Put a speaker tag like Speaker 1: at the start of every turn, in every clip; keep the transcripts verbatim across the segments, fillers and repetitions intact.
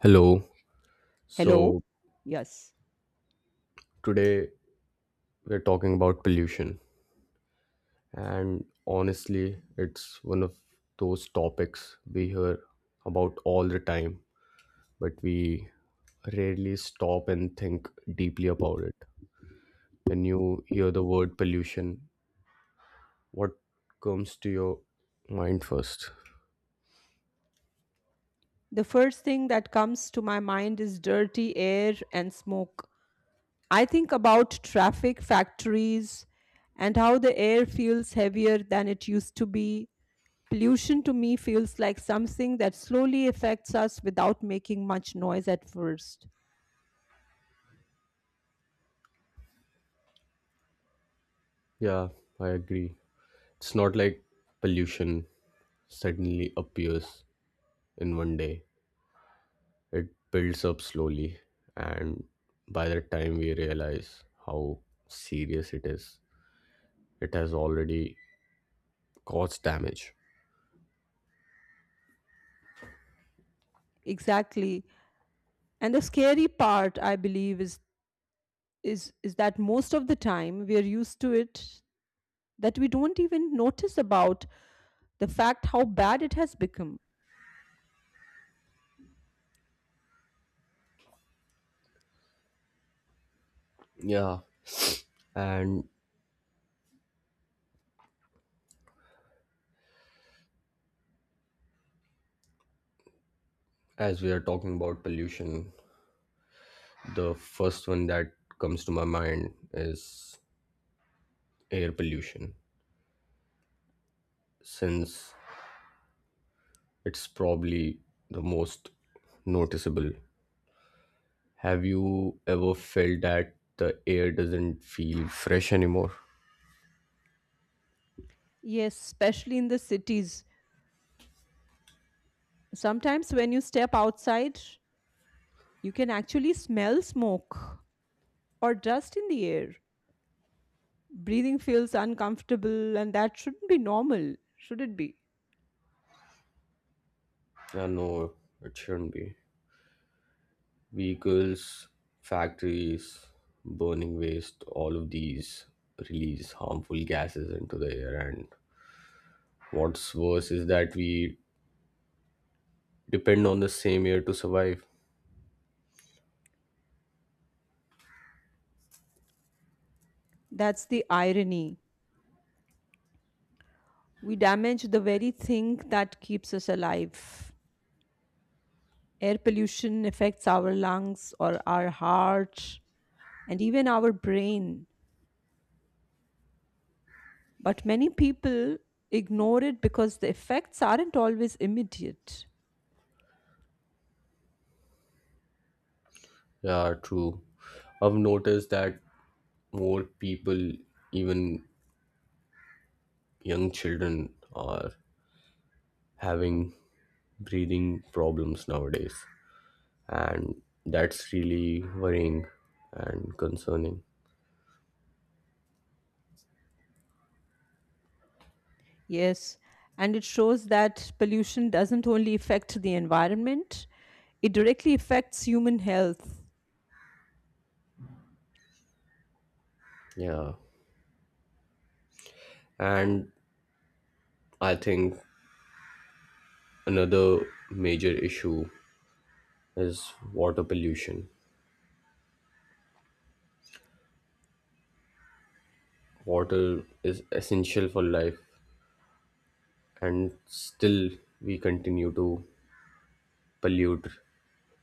Speaker 1: Hello.
Speaker 2: Hello?
Speaker 1: So
Speaker 2: Yes.
Speaker 1: today we're talking about pollution. And honestly, it's one of those topics we hear about all the time, but we rarely stop and think deeply about it. When you hear the word pollution, what comes to your mind first?
Speaker 2: The first thing that comes to my mind is dirty air and smoke. I think about traffic, factories, and how the air feels heavier than it used to be. Pollution to me feels like something that slowly affects us without making much noise at first.
Speaker 1: Yeah, I agree. It's not like pollution suddenly appears in one day. It builds up slowly, and by the time we realize how serious it is, it has already caused damage.
Speaker 2: Exactly. And the scary part, I believe, is is is that most of the time we are used to it that we don't even notice about the fact how bad it has become.
Speaker 1: Yeah, and as we are talking about pollution, the first one that comes to my mind is air pollution, since it's probably the most noticeable. Have you ever felt that the air doesn't feel fresh anymore?
Speaker 2: Yes, especially in the cities. Sometimes when you step outside, you can actually smell smoke or dust in the air. Breathing feels uncomfortable, and that shouldn't be normal, should it be?
Speaker 1: Uh, no, it shouldn't be. Vehicles, factories, burning waste, all of these release harmful gases into the air. And what's worse is that we depend on the same air to survive.
Speaker 2: That's the irony. We damage the very thing that keeps us alive. Air pollution affects our lungs or our heart and even our brain. But many people ignore it because the effects aren't always immediate.
Speaker 1: Yeah, true. I've noticed that more people, even young children, are having breathing problems nowadays. And that's really worrying and concerning.
Speaker 2: Yes, and it shows that pollution doesn't only affect the environment, it directly affects human health.
Speaker 1: Yeah. And I think another major issue is water pollution. Water is essential for life, and still we continue to pollute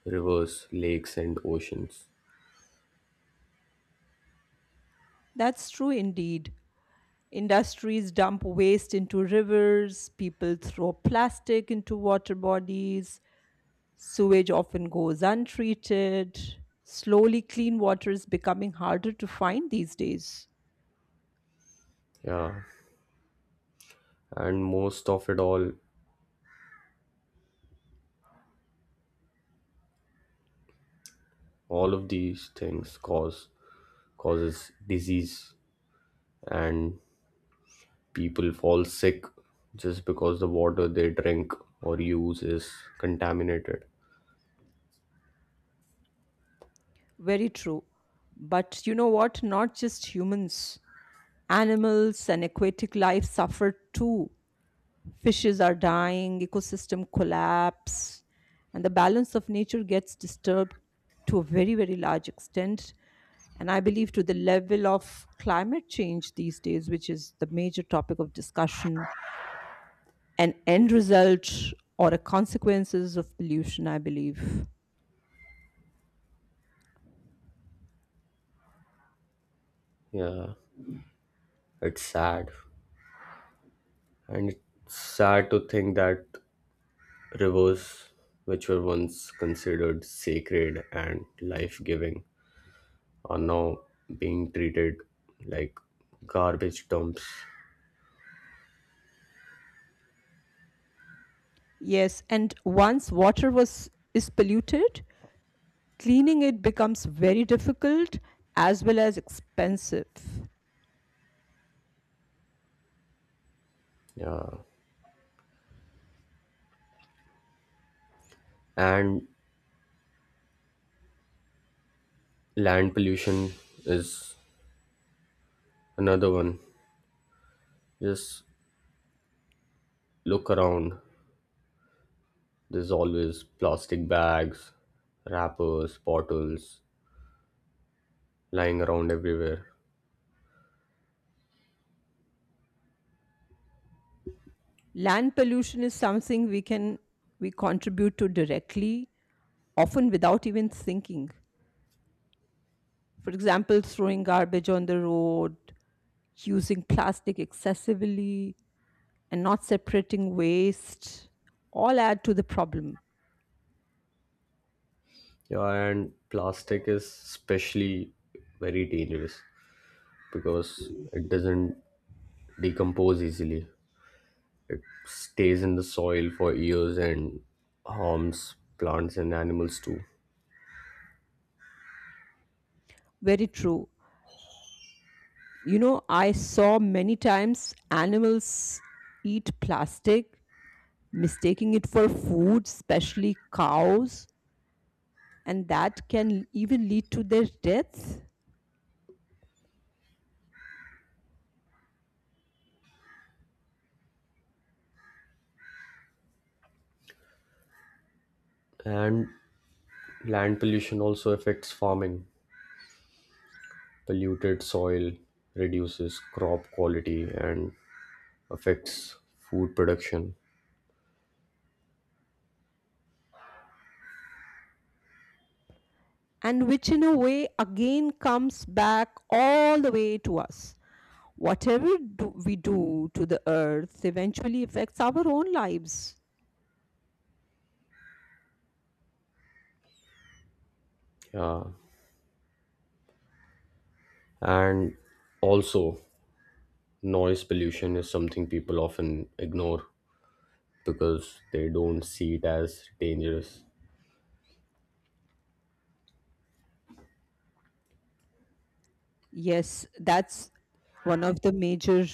Speaker 1: rivers, lakes, and oceans.
Speaker 2: That's true indeed. Industries dump waste into rivers, people throw plastic into water bodies, sewage often goes untreated. Slowly, clean water is becoming harder to find these days.
Speaker 1: Yeah, and most of it all, all of these things cause causes disease, and people fall sick just because the water they drink or use is contaminated.
Speaker 2: Very true. But you know what? Not just humans, animals and aquatic life suffer too. Fishes are dying, ecosystem collapse, and the balance of nature gets disturbed to a very, very large extent. And I believe to the level of climate change these days, which is the major topic of discussion, an end result or a consequences of pollution, I believe.
Speaker 1: Yeah, it's sad. And it's sad to think that rivers, which were once considered sacred and life giving, are now being treated like garbage dumps.
Speaker 2: Yes, and once water was is polluted, cleaning it becomes very difficult as well as expensive.
Speaker 1: Yeah. And land pollution is another one. Just look around. There's always plastic bags, wrappers, bottles lying around everywhere.
Speaker 2: Land pollution is something we can we contribute to directly, often without even thinking. For example, throwing garbage on the road, using plastic excessively, and not separating waste all add to the problem.
Speaker 1: Yeah, and plastic is especially very dangerous because it doesn't decompose easily. It stays in the soil for years and harms plants and animals too.
Speaker 2: Very true. You know, I saw many times animals eat plastic, mistaking it for food, especially cows, and that can even lead to their death.
Speaker 1: And land pollution also affects farming. Polluted soil reduces crop quality and affects food production.
Speaker 2: And which in a way again comes back all the way to us. Whatever do we do to the earth eventually affects our own lives.
Speaker 1: Yeah. And also, noise pollution is something people often ignore because they don't see it as dangerous.
Speaker 2: Yes, that's one of the major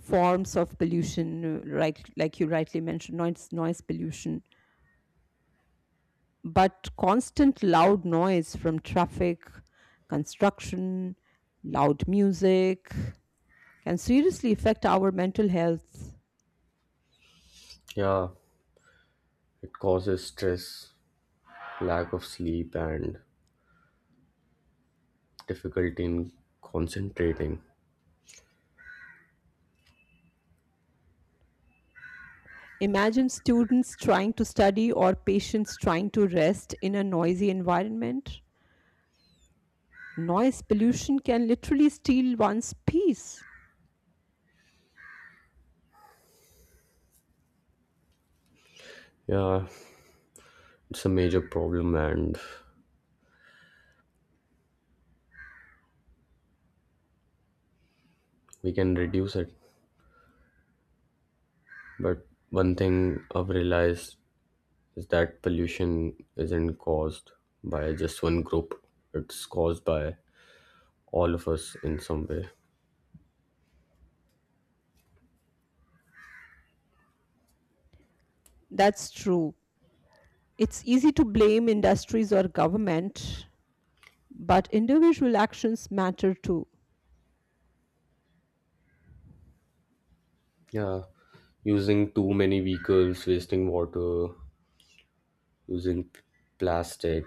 Speaker 2: forms of pollution, uh, right? Like you rightly mentioned, noise, noise pollution. But constant loud noise from traffic, construction, loud music can seriously affect our mental health.
Speaker 1: Yeah, it causes stress, lack of sleep and difficulty in concentrating.
Speaker 2: Imagine students trying to study or patients trying to rest in a noisy environment. Noise pollution can literally steal one's peace.
Speaker 1: Yeah, it's a major problem and we can reduce it. But one thing I've realized is that pollution isn't caused by just one group, it's caused by all of us in some way.
Speaker 2: That's true. It's easy to blame industries or government, but individual actions matter too.
Speaker 1: Yeah, using too many vehicles, wasting water, using p- plastic,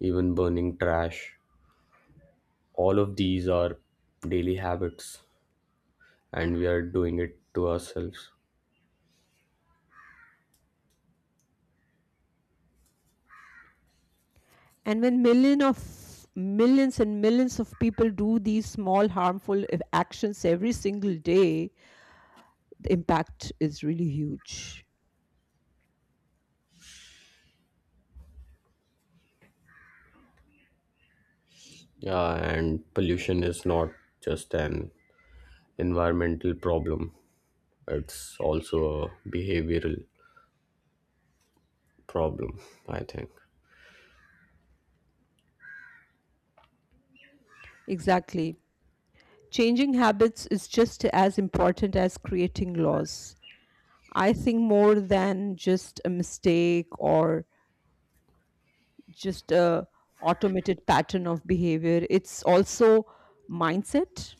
Speaker 1: even burning trash. All of these are daily habits and we are doing it to ourselves.
Speaker 2: And when million of millions and millions of people do these small harmful ev- actions every single day, the impact is really huge.
Speaker 1: Yeah, and pollution is not just an environmental problem, it's also a behavioral problem, I think.
Speaker 2: Exactly. Changing habits is just as important as creating laws. I think more than just a mistake or just a automated pattern of behavior. It's also mindset.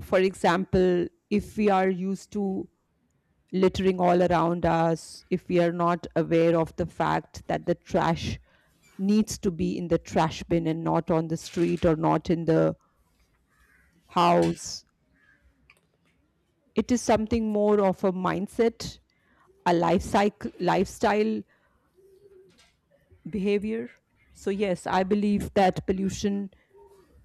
Speaker 2: For example, if we are used to littering all around us, if we are not aware of the fact that the trash needs to be in the trash bin and not on the street or not in the house, it is something more of a mindset, a life cycle, lifestyle behavior. So, yes, I believe that pollution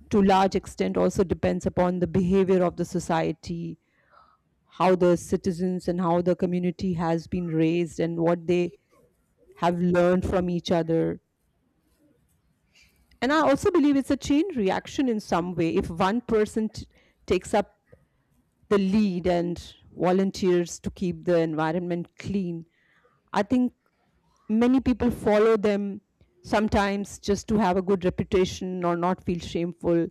Speaker 2: to large extent also depends upon the behavior of the society, how the citizens and how the community has been raised and what they have learned from each other. And I also believe it's a chain reaction in some way. If one person t- takes up the lead and volunteers to keep the environment clean, I think many people follow them sometimes just to have a good reputation or not feel shameful,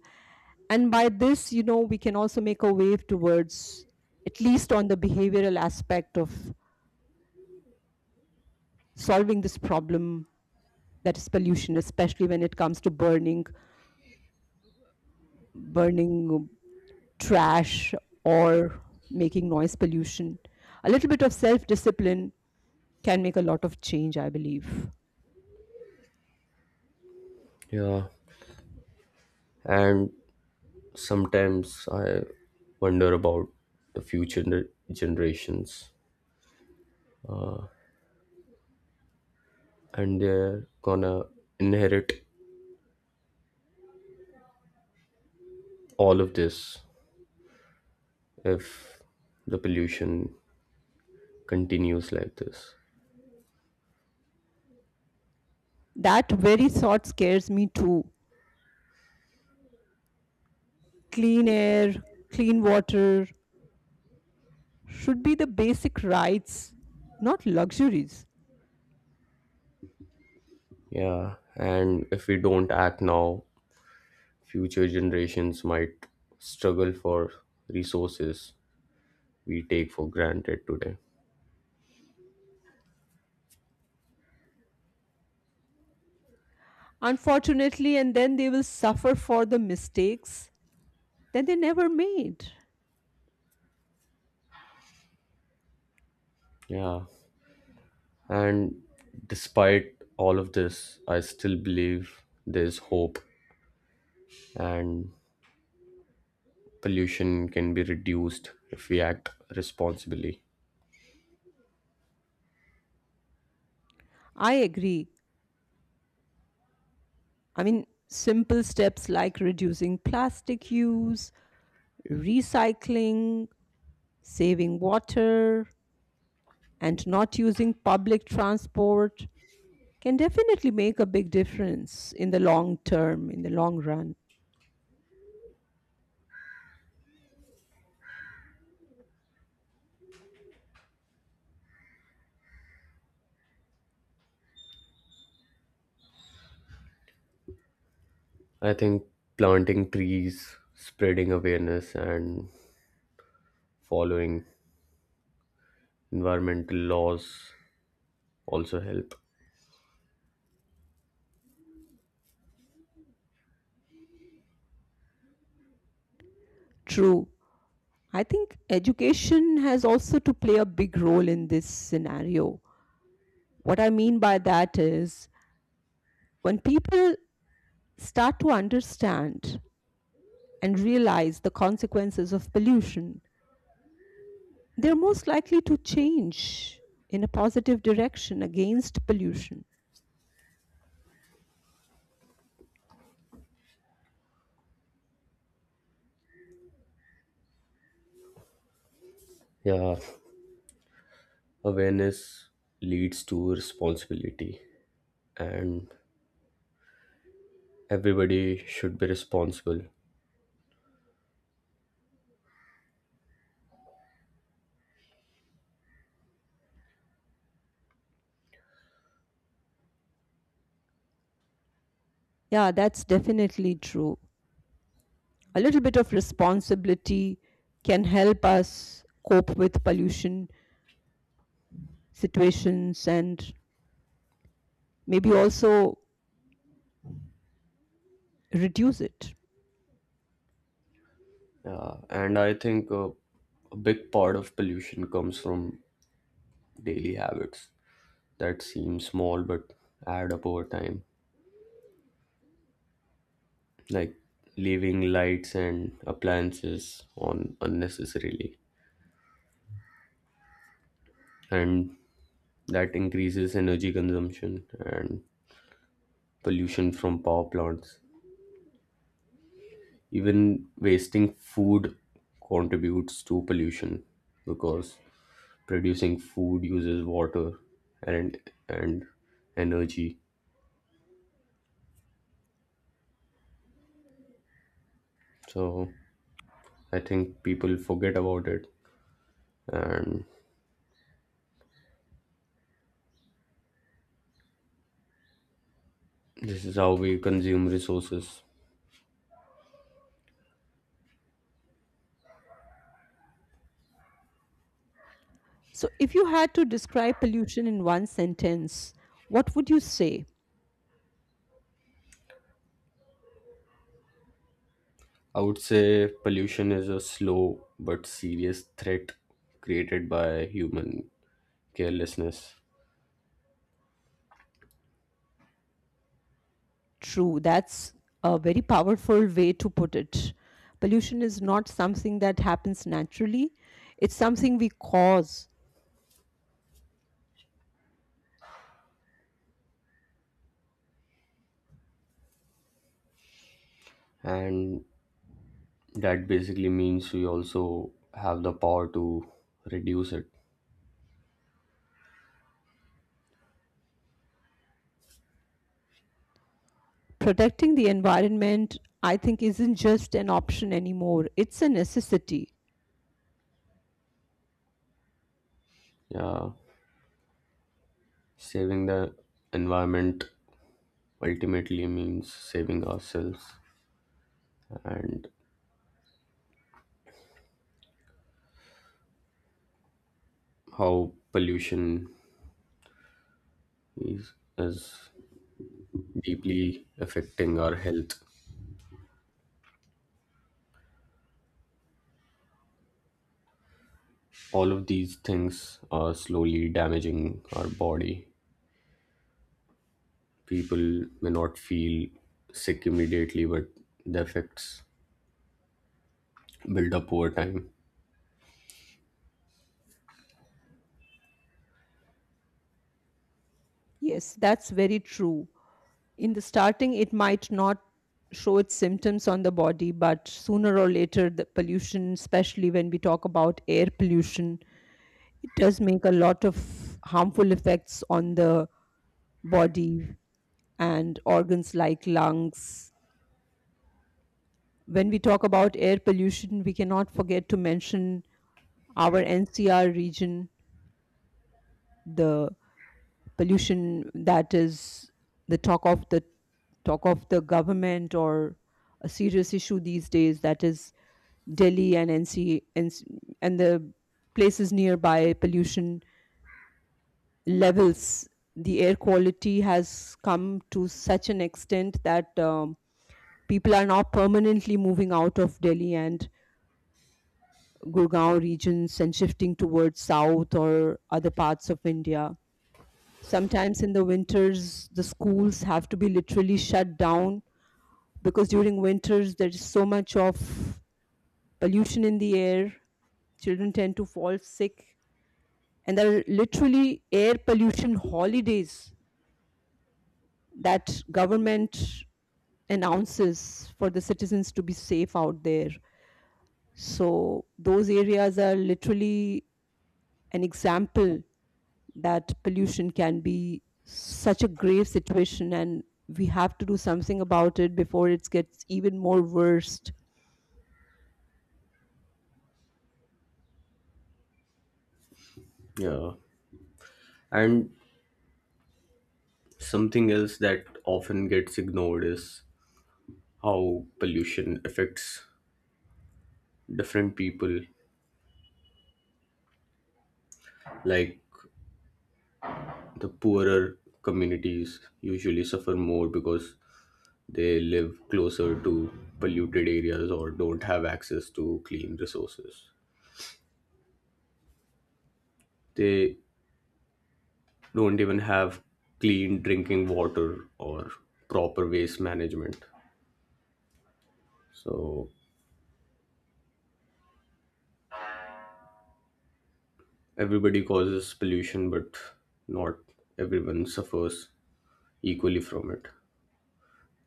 Speaker 2: and by this you know we can also make a wave towards at least on the behavioral aspect of solving this problem, that is pollution, especially when it comes to burning burning trash or making noise pollution. A little bit of self discipline can make a lot of change, I believe.
Speaker 1: Yeah, and sometimes I wonder about the future gener- generations, and they're gonna inherit all of this if the pollution continues like this.
Speaker 2: That very thought scares me too. Clean air, clean water should be the basic rights, not luxuries.
Speaker 1: Yeah, and if we don't act now, future generations might struggle for resources we take for granted today.
Speaker 2: Unfortunately, and then they will suffer for the mistakes that they never made.
Speaker 1: Yeah. And despite all of this, I still believe there's hope and pollution can be reduced if we act responsibly.
Speaker 2: I agree. I mean, simple steps like reducing plastic use, recycling, saving water, and not using public transport can definitely make a big difference in the long term, in the long run.
Speaker 1: I think planting trees, spreading awareness, and following environmental laws also help.
Speaker 2: True, I think education has also to play a big role in this scenario. What I mean by that is when people start to understand and realize the consequences of pollution, they're most likely to change in a positive direction against pollution.
Speaker 1: Yeah, awareness leads to responsibility, and everybody should be responsible.
Speaker 2: Yeah, that's definitely true. A little bit of responsibility can help us cope with pollution situations and maybe also reduce it.
Speaker 1: Yeah, and I think uh, a big part of pollution comes from daily habits that seem small but add up over time, like leaving lights and appliances on unnecessarily, and that increases energy consumption and pollution from power plants. Even wasting food contributes to pollution because producing food uses water and and energy. So I think people forget about it and this is how we consume resources.
Speaker 2: So, if you had to describe pollution in one sentence, what would you say?
Speaker 1: I would say pollution is a slow but serious threat created by human carelessness.
Speaker 2: True, that's a very powerful way to put it. Pollution is not something that happens naturally, it's something we cause.
Speaker 1: And that basically means we also have the power to reduce it.
Speaker 2: Protecting the environment, I think, isn't just an option anymore, it's a necessity.
Speaker 1: Yeah. Saving the environment ultimately means saving ourselves and how pollution is, is deeply affecting our health. All of these things are slowly damaging our body. People may not feel sick immediately, but the effects build up over time.
Speaker 2: Yes, that's very true. In the starting, it might not show its symptoms on the body, but sooner or later, the pollution, especially when we talk about air pollution, it does make a lot of harmful effects on the body and organs like lungs. When we talk about air pollution, we cannot forget to mention our N C R region, the pollution that is the talk of the talk of the government, or a serious issue these days, that is Delhi and N C, and, and the places nearby. Pollution levels, the air quality has come to such an extent that um, people are now permanently moving out of Delhi and Gurgaon regions and shifting towards south or other parts of India. Sometimes in the winters the schools have to be literally shut down because during winters there is so much of pollution in the air, children tend to fall sick, and there are literally air pollution holidays that government announces for the citizens to be safe out there. So, those areas are literally an example that pollution can be such a grave situation and we have to do something about it before it gets even more worst.
Speaker 1: Yeah. And something else that often gets ignored is how pollution affects different people. Like the poorer communities usually suffer more because they live closer to polluted areas or don't have access to clean resources. They don't even have clean drinking water or proper waste management. So everybody causes pollution, but not everyone suffers equally from it.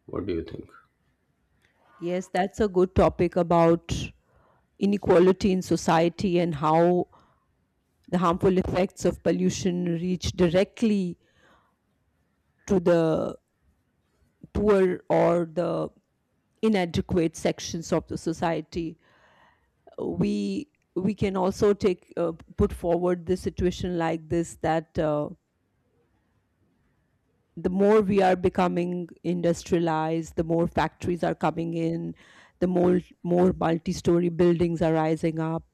Speaker 1: What do you think?
Speaker 2: Yes, that's a good topic about inequality in society and how the harmful effects of pollution reach directly to the poor or the inadequate sections of the society. We we can also take uh, put forward the situation like this, that uh, the more we are becoming industrialized, the more factories are coming in, the more more multi-story buildings are rising up,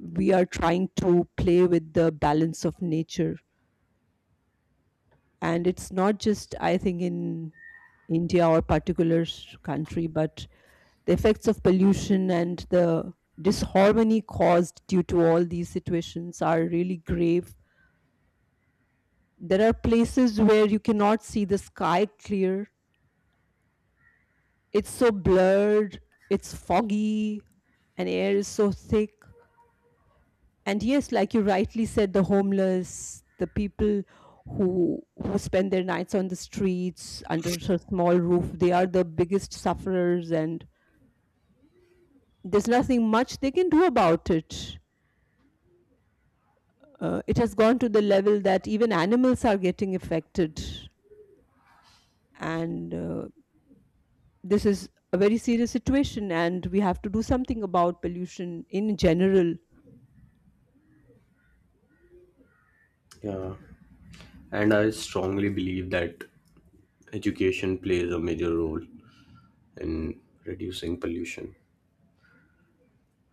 Speaker 2: we are trying to play with the balance of nature. And it's not just I think in India or particular s- country, but the effects of pollution and the disharmony caused due to all these situations are really grave. There are places where you cannot see the sky clear, it's so blurred, it's foggy, and air is so thick. And yes, like you rightly said, the homeless, the people who who spend their nights on the streets under a small roof, they are the biggest sufferers, and there's nothing much they can do about it. Uh, it has gone to the level that even animals are getting affected, and uh, this is a very serious situation. And we have to do something about pollution in general.
Speaker 1: Yeah, and I strongly believe that education plays a major role and reducing pollution.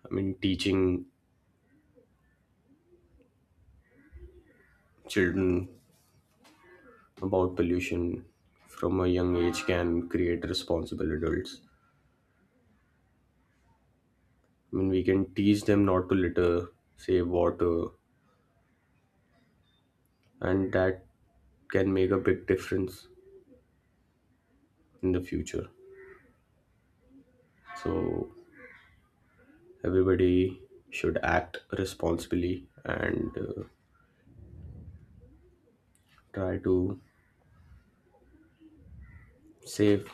Speaker 1: I mean, teaching children about pollution from a young age can create responsible adults. I mean, we can teach them not to litter, save water, and that can make a big difference in the future. So, everybody should act responsibly and uh, try to save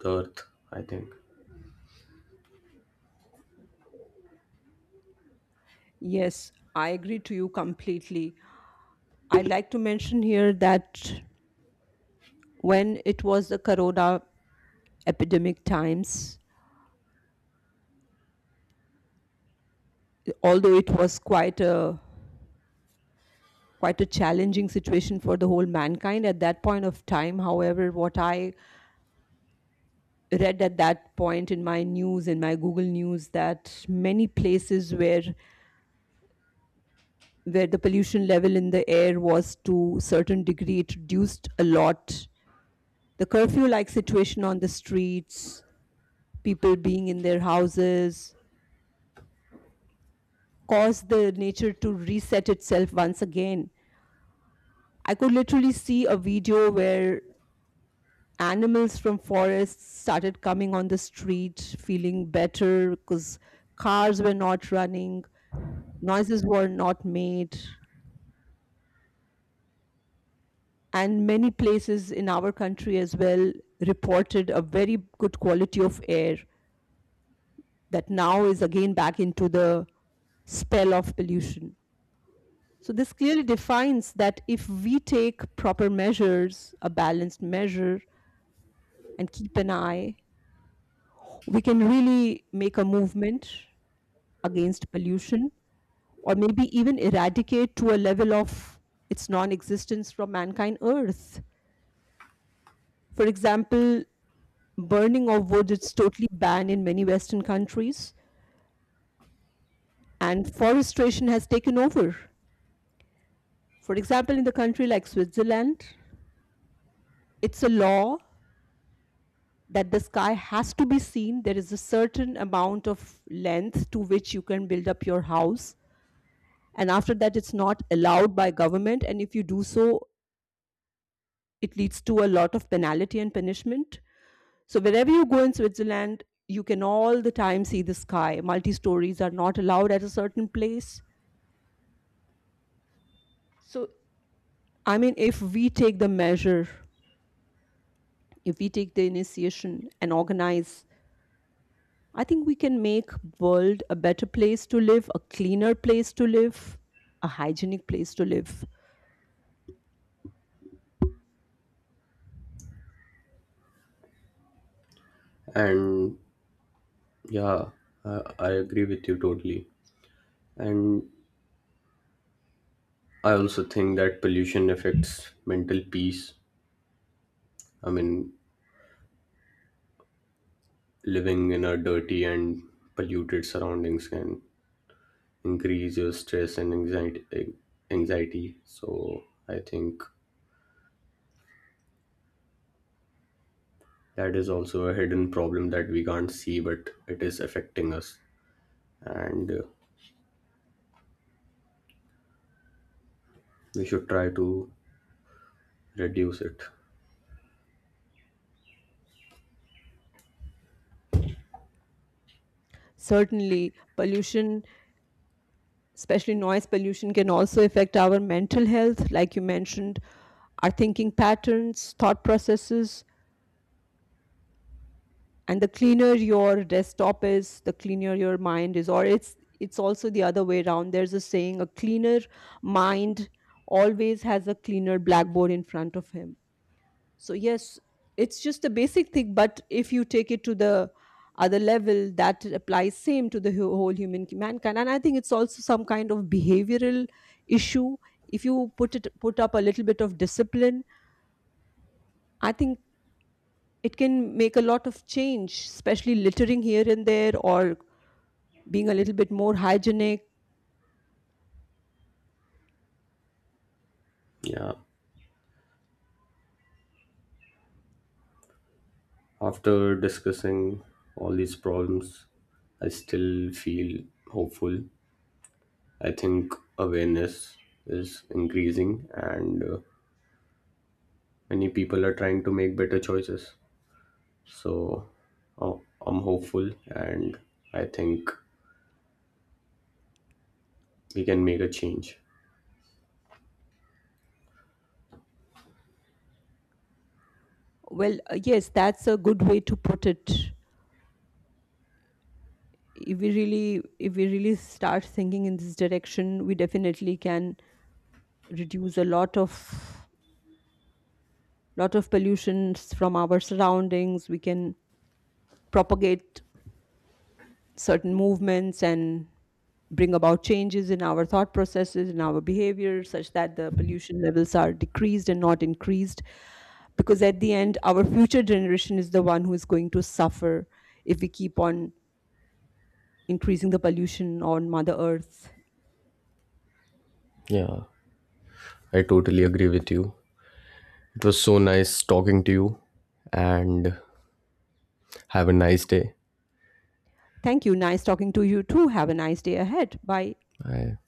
Speaker 1: the earth, I think.
Speaker 2: Yes, I agree to you completely. I'd like to mention here that when it was the corona epidemic times, although it was quite a quite a challenging situation for the whole mankind at that point of time, however what I read at that point in my news, in my Google news, that many places where where the pollution level in the air was to certain degree, it reduced a lot. The curfew like situation on the streets, people being in their houses, caused the nature to reset itself once again. I could literally see a video where animals from forests started coming on the street feeling better because cars were not running, noises were not made. And many places in our country as well reported a very good quality of air that now is again back into the spell of pollution. So, this clearly defines that if we take proper measures, a balanced measure, and keep an eye, we can really make a movement against pollution, or maybe even eradicate to a level of its non-existence from mankind earth. For example, burning of wood is totally banned in many western countries and forestation has taken over. For example, in the country like Switzerland, it's a law that the sky has to be seen, there is a certain amount of length to which you can build up your house, and after that it's not allowed by government, and if you do so, it leads to a lot of penalty and punishment. So wherever you go in Switzerland, you can all the time see the sky, multi stories are not allowed at a certain place. So, I mean, if we take the measure, if we take the initiation and organize, I think we can make world a better place to live, a cleaner place to live, a hygienic place to live.
Speaker 1: And yeah, I, I agree with you totally. And I also think that pollution affects mental peace. I mean, living in a dirty and polluted surroundings can increase your stress and anxiety. Anxiety. So I think that is also a hidden problem that we can't see, but it is affecting us, and uh, we should try to reduce it.
Speaker 2: Certainly pollution, especially noise pollution, can also affect our mental health, like you mentioned, our thinking patterns, thought processes. And the cleaner your desktop is, the cleaner your mind is, or it's it's also the other way around. There's a saying, a cleaner mind always has a cleaner blackboard in front of him. So yes, it's just a basic thing, but if you take it to the other level, that applies same to the who- whole human mankind. And I think it's also some kind of behavioral issue. If you put it put up a little bit of discipline, I think it can make a lot of change, especially littering here and there or being a little bit more hygienic.
Speaker 1: Yeah. After discussing all these problems, I still feel hopeful. I think awareness is increasing, and uh, many people are trying to make better choices. So uh, I'm hopeful, and I think we can make a change.
Speaker 2: Well, uh, yes, that's a good way to put it. If we really, if we really start thinking in this direction, we definitely can reduce a lot of lot of pollutions from our surroundings. We can propagate certain movements and bring about changes in our thought processes, in our behavior, such that the pollution levels are decreased and not increased, because at the end our future generation is the one who is going to suffer if we keep on increasing the pollution on mother earth.
Speaker 1: Yeah, I totally agree with you. It was so nice talking to you and have a nice day.
Speaker 2: Thank you, nice talking to you too, have a nice day ahead, bye.
Speaker 1: Bye.